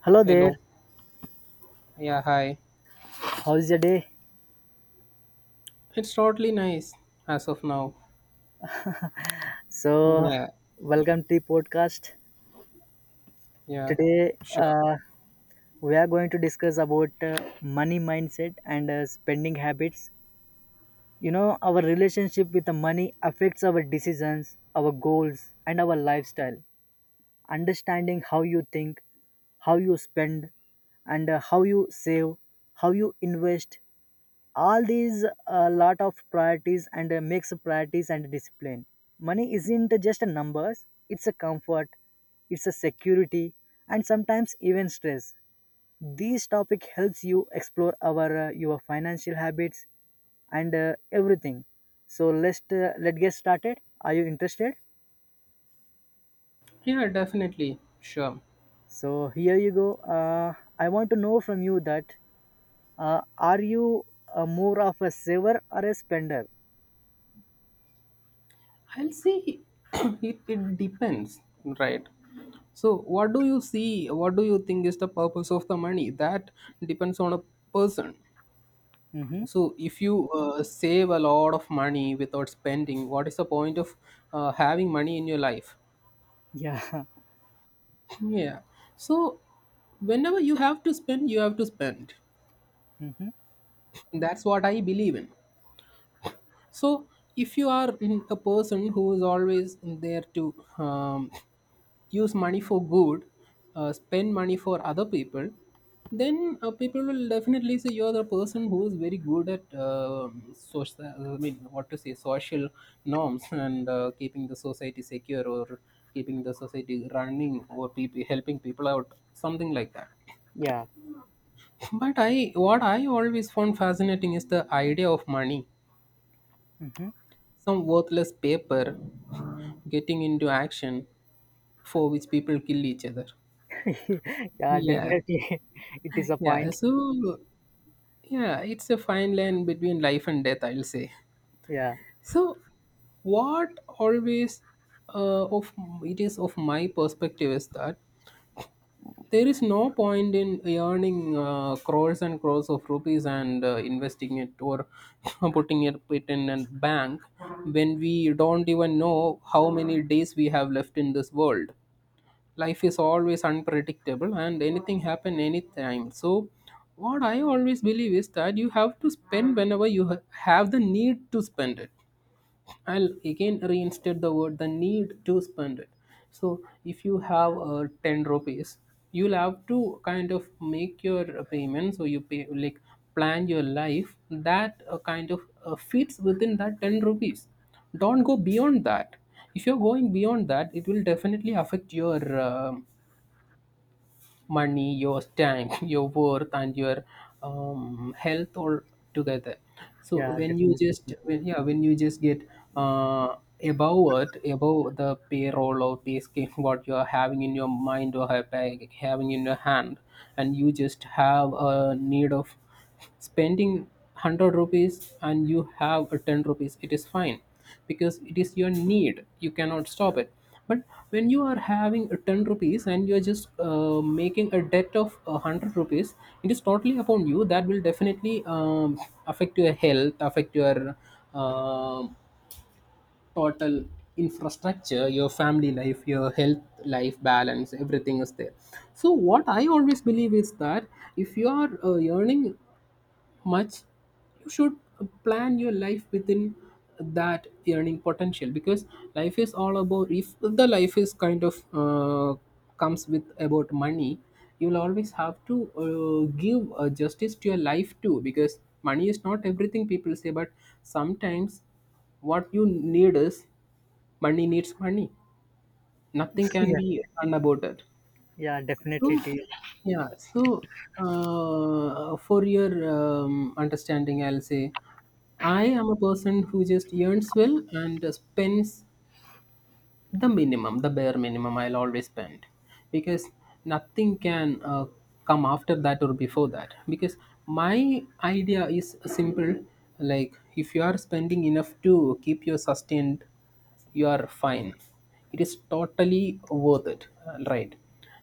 Hello there. Hello. Yeah, hi. How's your day? It's totally nice as of now. So, Yeah, Welcome to the podcast. yeah, Today, sure. We are going to discuss about money mindset and spending habits. You know, our relationship with the money affects our decisions, our goals, and our lifestyle. Understanding how you think, how you spend, and how you save, how you invest all these a lot of priorities and makes priorities and discipline. Money isn't just a numbers, it's a comfort, it's a security, and sometimes even stress. This topic helps you explore our your financial habits and everything. So let's get started, are you interested? Yeah, definitely. Sure. So here you go. I want to know from you that are you more of a saver or a spender? I'll see. It depends, right? So, what do you see? What do you think is the purpose of the money? That depends on a person. Mm-hmm. So, if you save a lot of money without spending, what is the point of having money in your life? Yeah. Yeah. So, whenever you have to spend, you have to spend. Mm-hmm. That's what I believe in. So, if you are a person who is always there to use money for good, spend money for other people, then people will definitely say you are the person who is very good at social. I mean, what to say, social norms and keeping the society secure or keeping the society running or people helping people out, something like that. Yeah. But what I always found fascinating is the idea of money. Hmm. Some worthless paper getting into action for which people kill each other. Yeah, Yeah, definitely. It is a yeah. point. So, yeah, it's a fine line between life and death, I'll say. Yeah. So, what always of it is of my perspective is that there is no point in earning crores and crores of rupees and investing it or putting it in a bank when we don't even know how many days we have left in this world. Life is always unpredictable and anything happen anytime. So, what I always believe is that you have to spend whenever you have the need to spend it. I'll again reinstate the word, the need to spend it. So if you have 10 rupees, you'll have to kind of make your payment. So you pay like plan your life that kind of fits within that 10 rupees. Don't go beyond that. If you're going beyond that, it will definitely affect your money, your time, your worth, and your health all together. So Yeah, when you definitely. just when yeah when you just get uh, above it, above the payroll, or basically what you are having in your mind or having in your hand, and you just have a need of spending 100 rupees and you have a 10 rupees, it is fine because it is your need. You cannot stop it. But when you are having a 10 rupees and you are just making a debt of a 100 rupees, it is totally upon you. That will definitely affect your health, affect your um total infrastructure, your family life, your health life balance, everything is there. So, what I always believe is that if you are earning much, you should plan your life within that earning potential, because life is all about if the life is kind of comes with about money, you'll always have to give justice to your life too, because money is not everything people say, but sometimes what you need is money. Needs money, nothing can Yeah. be done about it. Yeah, definitely, So, it is. yeah, so for your understanding, I'll say I am a person who just earns well and spends the minimum, the bare minimum I'll always spend, because nothing can come after that or before that, because my idea is simple. Like, if you are spending enough to keep your sustained, you are fine. It is totally worth it, right?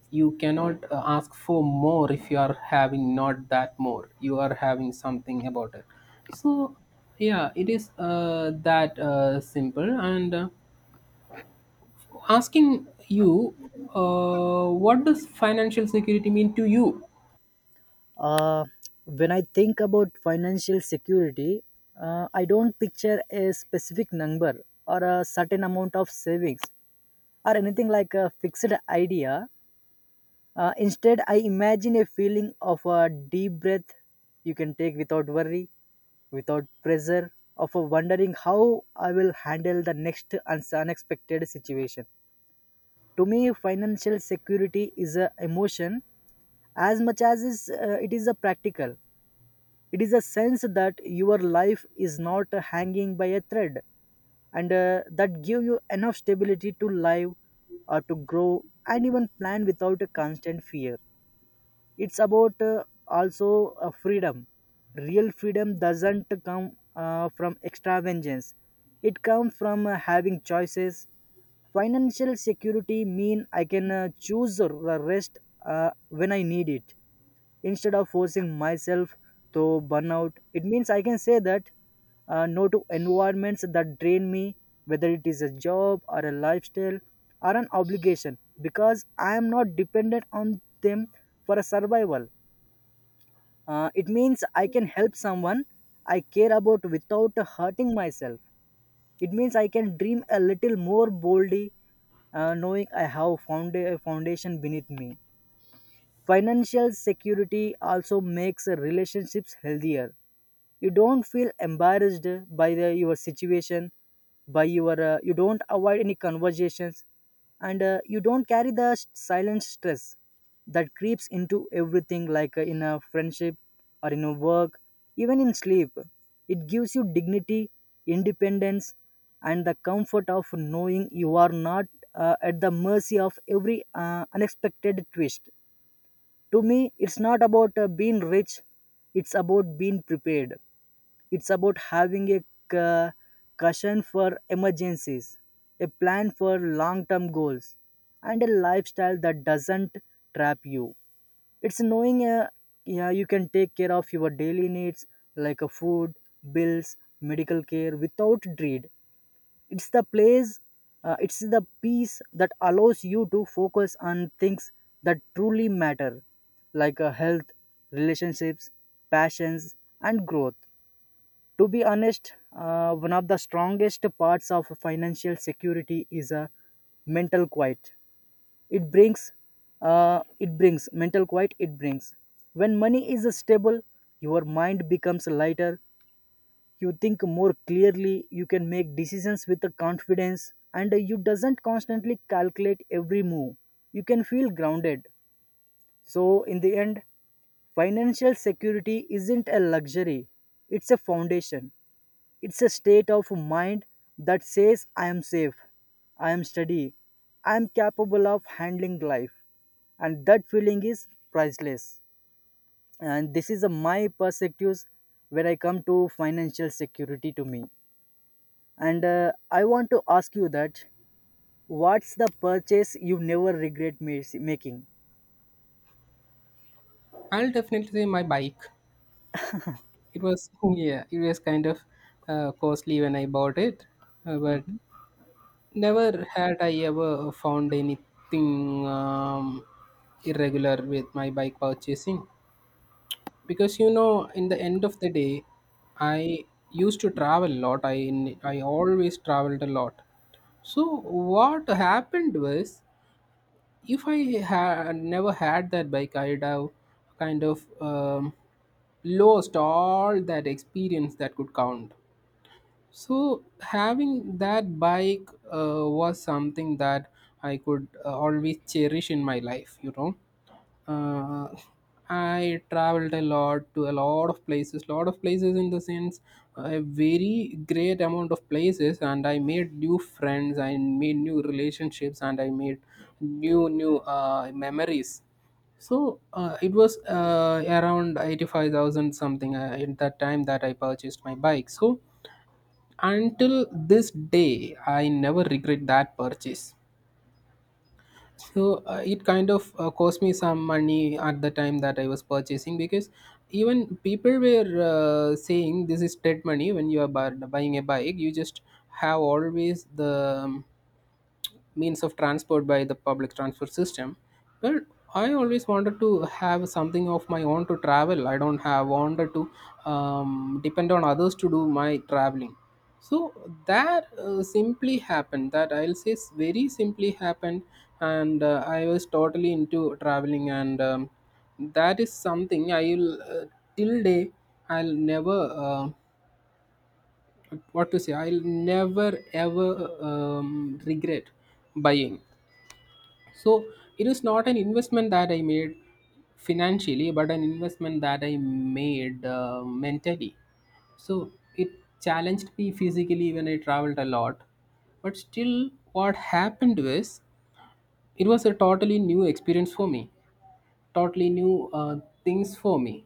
You cannot ask for more. If you are having not that more, you are having something about it. So yeah, it is that simple. And asking you, what does financial security mean to you? Uh, when I think about financial security, I don't picture a specific number or a certain amount of savings or anything like a fixed idea. Instead, I imagine a feeling of a deep breath you can take without worry, without pressure, of a wondering how I will handle the next unexpected situation. To me, financial security is an emotion as much as is, it is a practical. It is a sense that your life is not hanging by a thread, and that give you enough stability to live, or to grow, and even plan without a constant fear. It's about also a freedom. Real freedom doesn't come from extravagance, it comes from having choices. Financial security mean I can choose the rest when I need it instead of forcing myself to burnout. It means I can say that no to environments that drain me, whether it is a job or a lifestyle or an obligation, because I am not dependent on them for a survival. It means I can help someone I care about without hurting myself. It means I can dream a little more boldly, knowing I have found a foundation beneath me. Financial security also makes relationships healthier. You don't feel embarrassed by the, your situation, by your you don't avoid any conversations, and you don't carry the silent stress that creeps into everything, like in a friendship or in a work, even in sleep. It gives you dignity, independence, and the comfort of knowing you are not at the mercy of every unexpected twist. To me, it's not about being rich, it's about being prepared. It's about having a ca- cushion for emergencies, a plan for long term goals, and a lifestyle that doesn't trap you. It's knowing yeah, you can take care of your daily needs like a food, bills, medical care without dread. It's the peace that allows you to focus on things that truly matter, like health, relationships, passions, and growth. To be honest, one of the strongest parts of financial security is a mental quiet. It brings, it brings mental quiet. It brings when money is stable, your mind becomes lighter, you think more clearly, you can make decisions with the confidence and you doesn't constantly calculate every move, you can feel grounded. So in the end, financial security isn't a luxury, it's a foundation, it's a state of mind that says I am safe, I am steady, I am capable of handling life, and that feeling is priceless. And this is a my perspectives when I come to financial security to me, and I want to ask you that what's the purchase you never regret making? I'll definitely say my bike. It was yeah it was kind of costly when I bought it, but never had I ever found anything irregular with my bike purchasing, because you know in the end of the day I used to travel a lot I always traveled a lot. So what happened was, if I had never had that bike, I'd have kind of lost all that experience that could count. So having that bike was something that I could always cherish in my life, you know. Uh, I traveled a lot to a lot of places in the sense a very great amount of places, and I made new friends, I made new relationships, and I made new memories. So it was around 85,000 something at that time that I purchased my bike. So until this day I never regret that purchase. So it kind of cost me some money at the time that I was purchasing, because even people were saying this is dead money. When you are buying a bike, you just have always the means of transport by the public transport system. But I always wanted to have something of my own to travel. I don't have wanted to depend on others to do my traveling. So that simply happened, that I'll say very simply happened. And I was totally into traveling, and that is something I'll till day I'll never uh, what to say I'll never ever regret buying. So it is not an investment that I made financially, but an investment that I made mentally. So it challenged me physically when I traveled a lot. But still, what happened was it was a totally new experience for me, totally new things for me.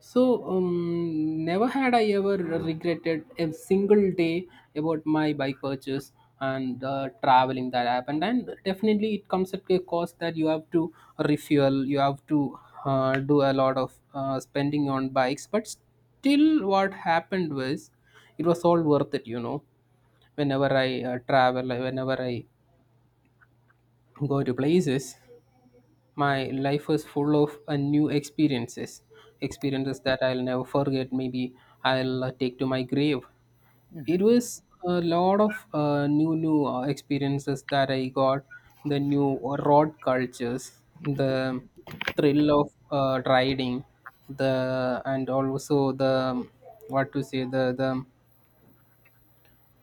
So, never had I ever regretted a single day about my bike purchase and traveling that happened. And definitely, it comes at a cost that you have to refuel, you have to do a lot of spending on bikes. But still, what happened was it was all worth it, you know. Whenever I travel, whenever I go to places, my life was full of new experiences, experiences that I'll never forget. Maybe I'll take to my grave. Mhm. It was a lot of new experiences that I got. The new road cultures, the thrill of riding, the and also the what to say the the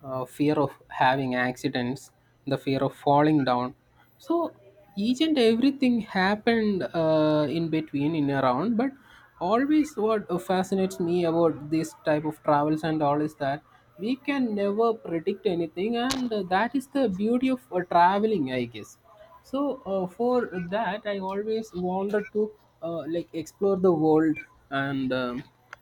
uh, fear of having accidents, the fear of falling down. So each and everything happened in between, in around. But always, what fascinates me about this type of travels and all is that we can never predict anything, and that is the beauty of traveling, I guess. So for that I always wanted to like explore the world, and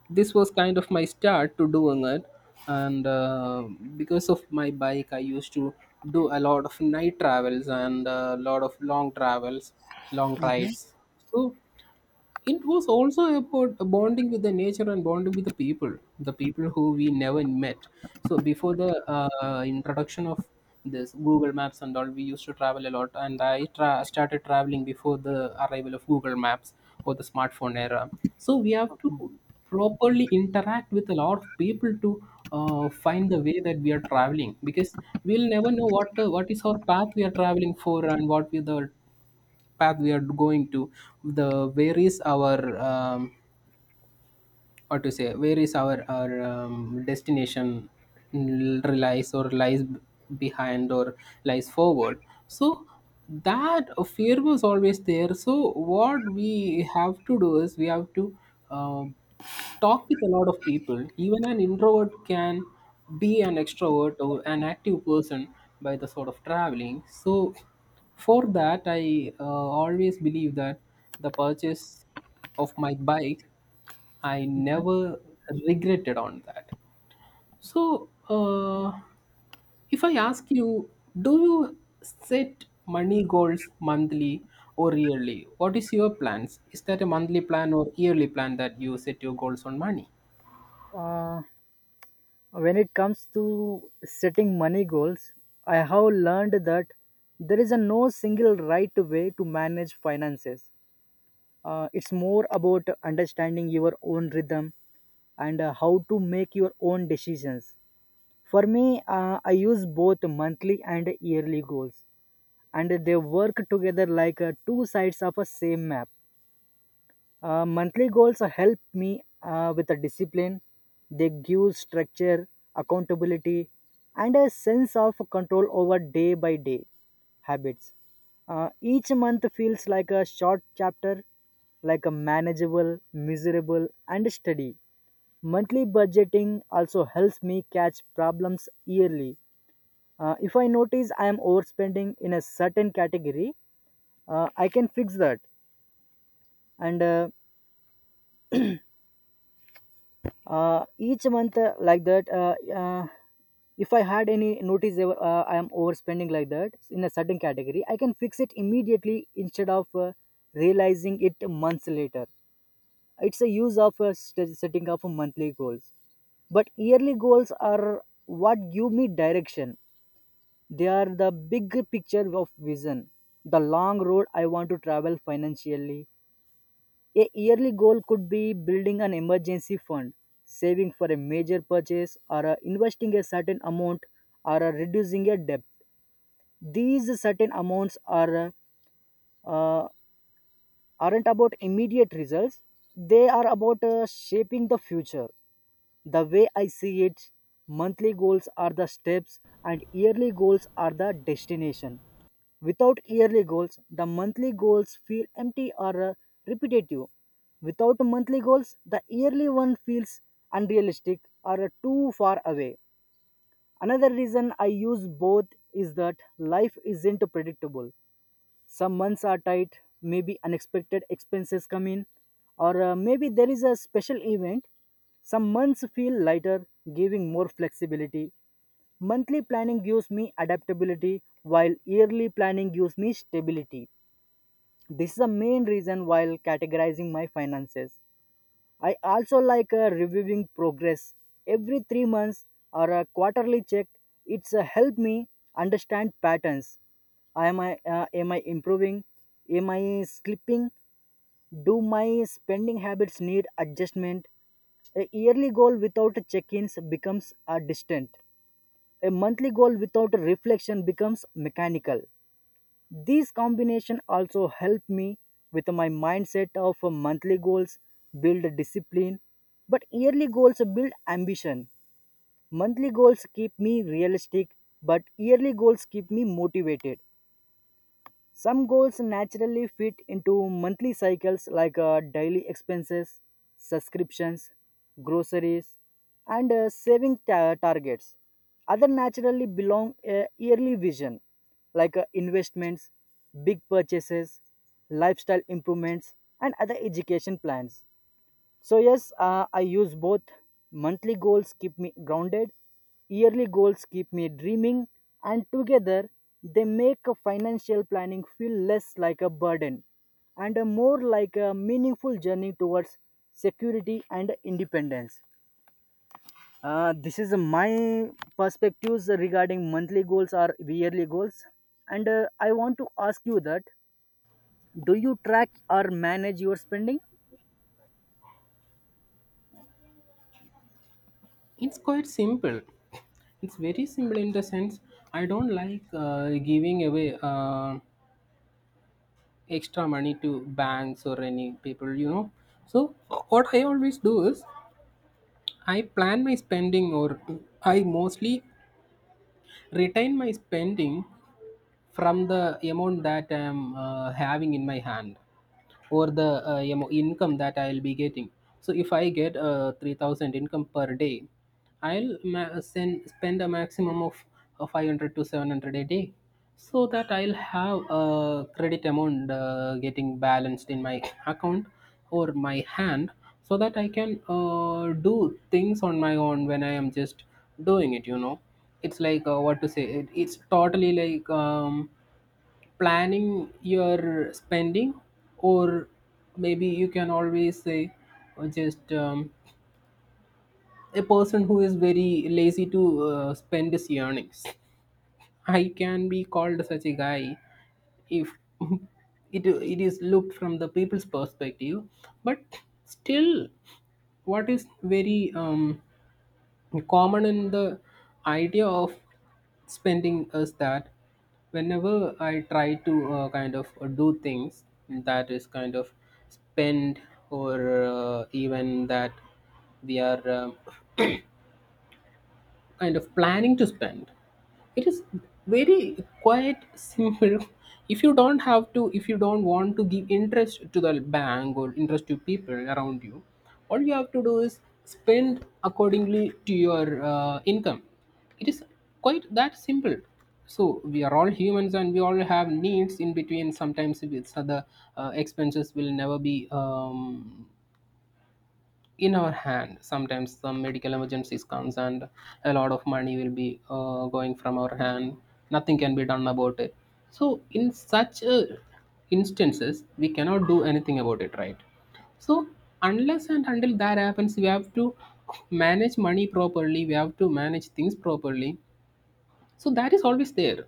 this was kind of my start to doing it. And because of my bike I used to do a lot of night travels and a lot of long travels, long rides. So it was also about bonding with the nature and bonding with the people, the people who we never met. So before the introduction of this Google Maps and all, we used to travel a lot, and started traveling before the arrival of Google Maps or the smartphone era. So we have to properly interact with a lot of people to find the way that we are traveling, because we'll never know what is our path we are traveling for and what we the path we are going to, the where is our what to say where is our destination lies or behind or lies forward. So that fear was always there. So what we have to do is we have to uh, talk with a lot of people. Even an introvert can be an extrovert or an active person by the sort of traveling. So for that I always believe that the purchase of my bike I never regretted on that. So, if I ask you, do you set money goals monthly or yearly? What is your plans? Is that a monthly plan or yearly plan that you set your goals on money? Uh, when it comes to setting money goals, I have learned that there is a no single right way to manage finances. It's more about understanding your own rhythm and how to make your own decisions. For me, I use both monthly and yearly goals, and they work together like two sides of a same map. Monthly goals help me with a discipline. They give structure, accountability, and a sense of control over day by day habits. Each month feels like a short chapter, like a manageable, miserable, and steady. Monthly budgeting also helps me catch problems yearly. If I notice I am overspending in a certain category, I can fix that. And each month like that if I had any notice ever, I am overspending like that in a certain category, I can fix it immediately instead of realizing it months later. It's a use of setting up monthly goals. But yearly goals are what give me direction, they are the big picture of vision, the long road I want to travel financially. A yearly goal could be building an emergency fund, saving for a major purchase, or investing a certain amount, or reducing a debt. These certain amounts are uh, uh, aren't about immediate results; they are about shaping the future. The way I see it, monthly goals are the steps and yearly goals are the destination. Without yearly goals, the monthly goals feel empty or repetitive. Without monthly goals, the yearly one feels unrealistic or too far away. Another reason I use both is that life isn't predictable. Some months are tight, maybe unexpected expenses come in, or maybe there is a special event. Some months feel lighter, giving more flexibility. Monthly planning gives me adaptability, while yearly planning gives me stability. This is the main reason while categorizing my finances. I also like reviewing progress every 3 months or a quarterly check. It's help me understand patterns. Am I improving? Am I slipping? Do my spending habits need adjustment? A yearly goal without check-ins becomes a distant. A monthly goal without reflection becomes mechanical. These combination also help me with my mindset of monthly goals build discipline, but yearly goals build ambition. Monthly goals keep me realistic, but yearly goals keep me motivated. Some goals naturally fit into monthly cycles like daily expenses, subscriptions, groceries, and saving targets. Other naturally belong a yearly vision like investments, big purchases, lifestyle improvements, and other education plans. So yes, I use both. Monthly goals keep me grounded, yearly goals keep me dreaming, and together they make a financial planning feel less like a burden and a more like a meaningful journey towards security and independence. This is my perspectives regarding monthly goals or yearly goals, and I want to ask you that: do you track or manage your spending? It's quite simple. It's very simple in the sense I don't like giving away extra money to banks or any people, you know. So what I always do is I plan my spending, or I mostly retain my spending from the amount that I'm having in my hand or the you know, income that I'll be getting. So if I get 3,000 income per day, I'll spend a maximum of 500 to 700 a day, so that I'll have a credit amount getting balanced in my account or my hand, so that I can do things on my own when I am just doing it, you know. It's like what to say, it's totally like planning your spending. Or maybe you can always say just a person who is very lazy to spend his earnings. I can be called such a guy if it is looked from the people's perspective. But still, what is very common in the idea of spending is that whenever I try to kind of do things that is kind of spend, or even that we are kind of planning to spend. It is very quite simple. If you don't want to give interest to the bank or interest to people around you, all you have to do is spend accordingly to your income. It is quite that simple. So we are all humans and we all have needs in between. Sometimes if other expenses will never be in our hand, sometimes some medical emergencies comes and a lot of money will be going from our hand. Nothing can be done about it. So in such instances we cannot do anything about it, right? So unless and until that happens, we have to manage money properly. We have to manage things properly, so that is always there.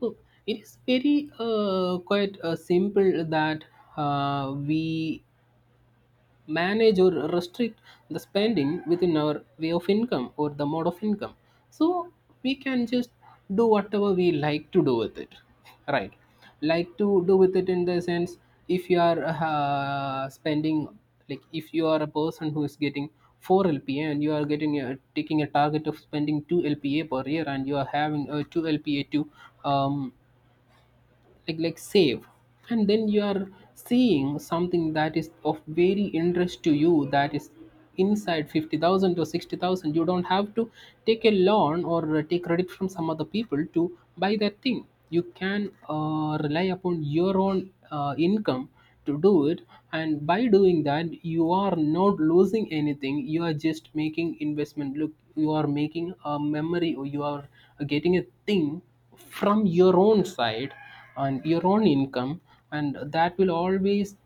So it is very quite simple that we manage or restrict the spending within our way of income or the mode of income. So we can just do whatever we like to do with it, right? Like to do with it in the sense, if you are spending, like if you are a person who is getting 4 lpa and you are taking a target of spending 2 lpa per year and you are having a 2 lpa to um, like save, and then you are seeing something that is of very interest to you, that is inside 50,000 to 60,000. You don't have to take a loan or take credit from some other people to buy that thing. You can rely upon your own income to do it. And by doing that you are not losing anything, you are just making investment. Look, you are making a memory or you are getting a thing from your own side and your own income, and that will always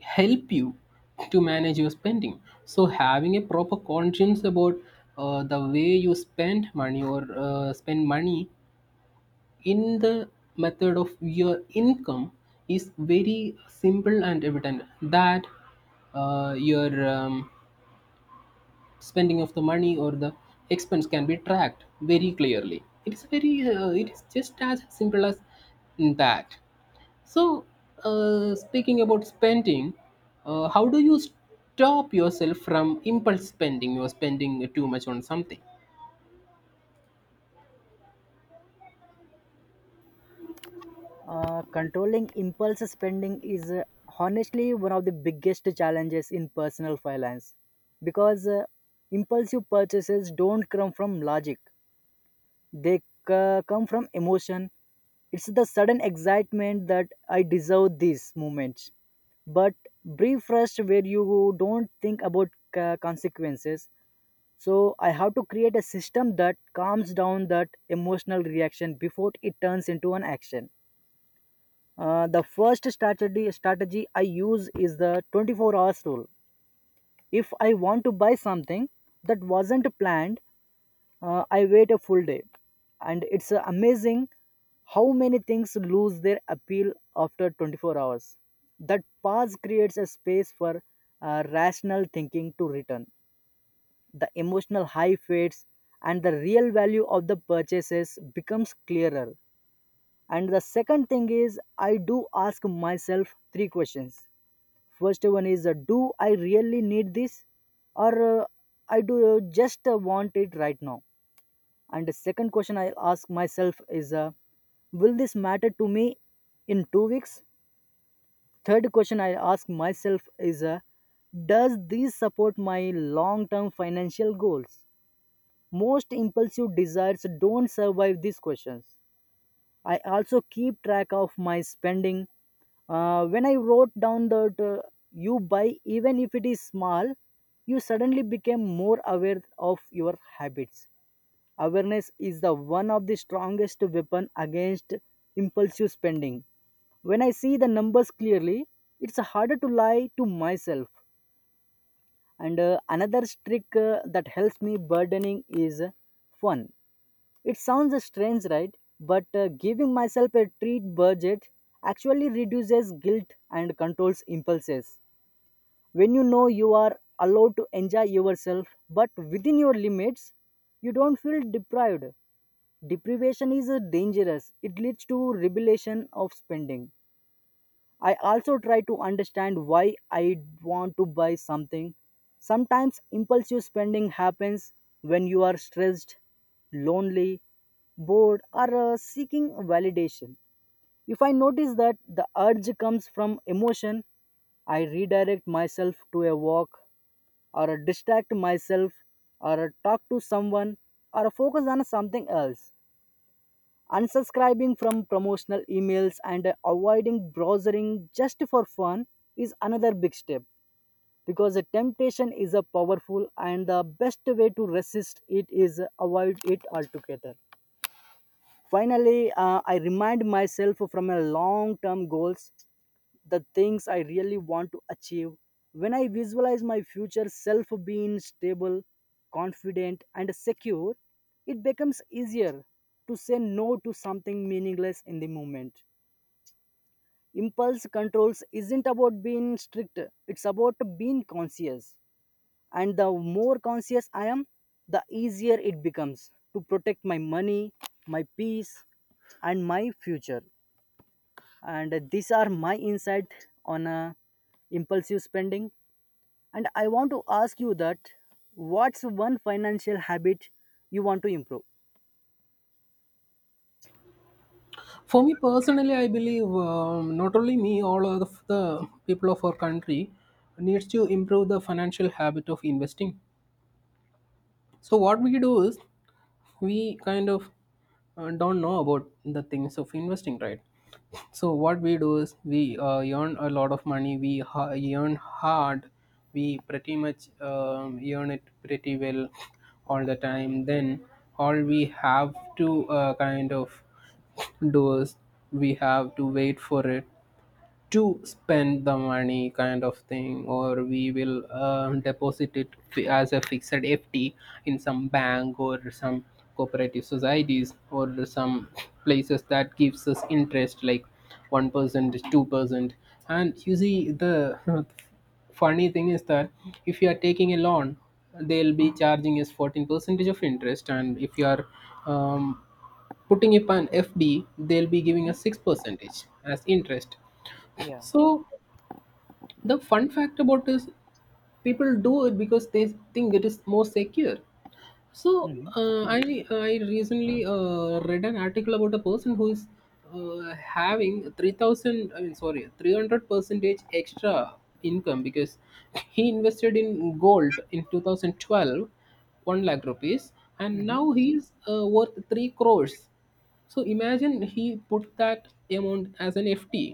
help you to manage your spending. So having a proper conscience about the way you spend money or spend money in the method of your income is very simple and evident that your spending of the money or the expense can be tracked very clearly. It is just as simple as that. So, speaking about spending, how do you stop yourself from impulse spending? You're spending too much on something. Controlling impulse spending is honestly one of the biggest challenges in personal finance because impulsive purchases don't come from logic, they come from emotion. It's the sudden excitement that I deserve these moments. But brief rush where you don't think about consequences. So I have to create a system that calms down that emotional reaction before it turns into an action. The first strategy I use is the 24 hours rule. If I want to buy something that wasn't planned, I wait a full day, and it's amazing how many things lose their appeal after 24 hours. That pause creates a space for rational thinking to return. The emotional high fades, and the real value of the purchases becomes clearer. And the second thing is, I do ask myself three questions. First one is do I really need this or I do just want it right now? And the second question I ask myself is will this matter to me in 2 weeks? Third question I ask myself is does this support my long term financial goals? Most impulsive desires don't survive these questions. I also keep track of my spending. When I wrote down that you buy, even if it is small, you suddenly became more aware of your habits. Awareness is the one of the strongest weapon against impulsive spending. When I see the numbers clearly, it's harder to lie to myself. And another trick that helps me burdening is fun. It sounds strange, right? But giving myself a treat budget actually reduces guilt and controls impulses. When you know you are allowed to enjoy yourself but within your limits, you don't feel deprived. Deprivation is dangerous, it leads to rebellion of spending. I also try to understand why I want to buy something. Sometimes impulsive spending happens when you are stressed, lonely, bored, or seeking validation. If I notice that the urge comes from emotion, I redirect myself to a walk or distract myself or talk to someone or focus on something else. Unsubscribing from promotional emails and avoiding browsing just for fun is another big step because the temptation is a powerful and the best way to resist it is avoid it altogether. Finally, I remind myself from a long-term goals, the things I really want to achieve. When I visualize my future self being stable, confident, and secure, it becomes easier to say no to something meaningless in the moment. Impulse controls isn't about being strict, it's about being conscious. And the more conscious I am, the easier it becomes to protect my money, my peace, and my future. And these are my insight on impulsive spending, and I want to ask you that what's one financial habit you want to improve? For me personally, I believe not only me, all of the people of our country needs to improve the financial habit of investing. So what we do is we kind of don't know about the things of investing, right? So what we do is we earn a lot of money. Earn hard. We pretty much earn it pretty well all the time. Then all we have to kind of do is we have to wait for it to spend the money kind of thing, or we will deposit it as a fixed FD in some bank or some cooperative societies or some places that gives us interest like 1% 2%. And you see the funny thing is that if you are taking a loan, they'll be charging us 14 percentage of interest. And if you are um, putting up an fd, they'll be giving us 6 percentage as interest. Yeah. So the fun fact about is, people do it because they think it is more secure. So Hmm. I recently read an article about a person who is having 3,000, I mean sorry, 300 percentage extra income because he invested in gold in 2012, 1 lakh rupees, and Hmm. now he's worth 3 crores. So imagine he put that amount as an FT.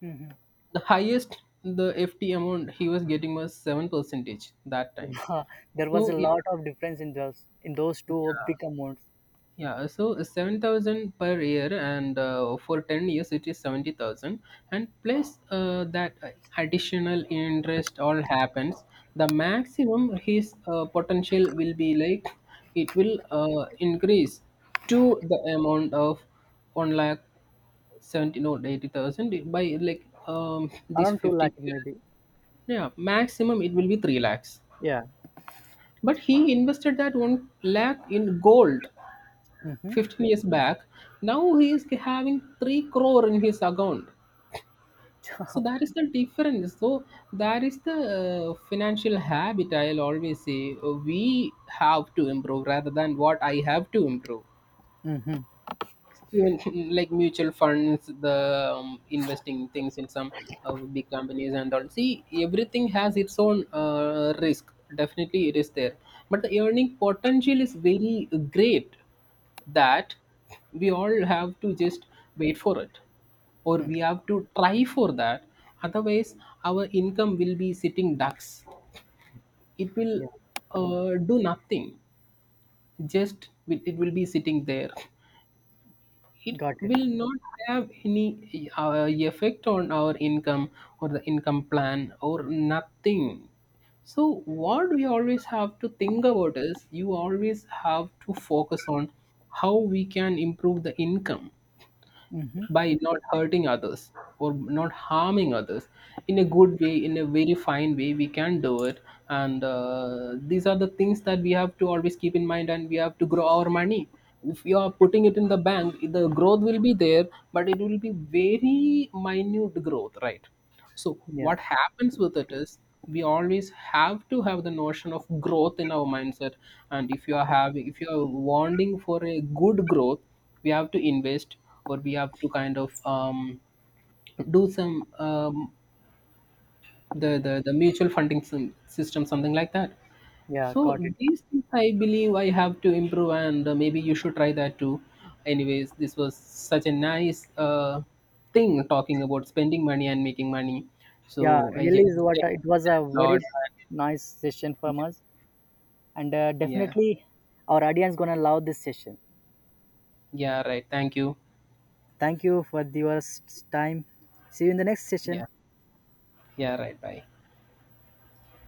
Hmm. The highest the FT amount he was getting was seven percentage that time. There was a So yeah, lot of difference in those two big amounts. yeah, so 7,000 per year, and for 10 years it is 70,000, and plus that additional interest all happens. The maximum his potential will be like it will increase to the amount of 1 lakh 70, no 80,000, by like this Around 2 lakh 50 years. maybe. Yeah, maximum it will be 3 lakhs. Yeah. But he invested that 1 lakh in gold Mm-hmm. 15 years back. Now he is having 3 crore in his account. So that is the difference. So that is the financial habit I'll always say we have to improve rather than what I have to improve. Mm-hmm. Even like mutual funds, the investing things in some big companies and all. See, everything has its own risk. Definitely it is there, but the earning potential is very great, that we all have to just wait for it or we have to try for that. Otherwise our income will be sitting ducks. It will Yeah, do nothing. It will be sitting there. It got it. will not have any effect on our income or the income plan or nothing. So what we always have to think about is, you always have to focus on how we can improve the income Mm-hmm. by not hurting others or not harming others. In a good way, in a very fine way, we can do it. And these are the things that we have to always keep in mind, and we have to grow our money. If you are putting it in the bank, the growth will be there, but it will be very minute growth, right? So Yeah. what happens with it is, we always have to have the notion of growth in our mindset. And if you are wanting for a good growth, we have to invest or we have to kind of do some the mutual funding system, something like that. Yeah, So got it. these things I believe I have to improve, and maybe you should try that too. Anyways, this was such a nice thing talking about spending money and making money. Yeah, So I really just is thank what it was a you a very lot. nice session from us, and Yeah, definitely our audience gonna love this session. yeah, right. Thank you. Thank you for your time. See you in the next session. Yeah, yeah, right. Bye.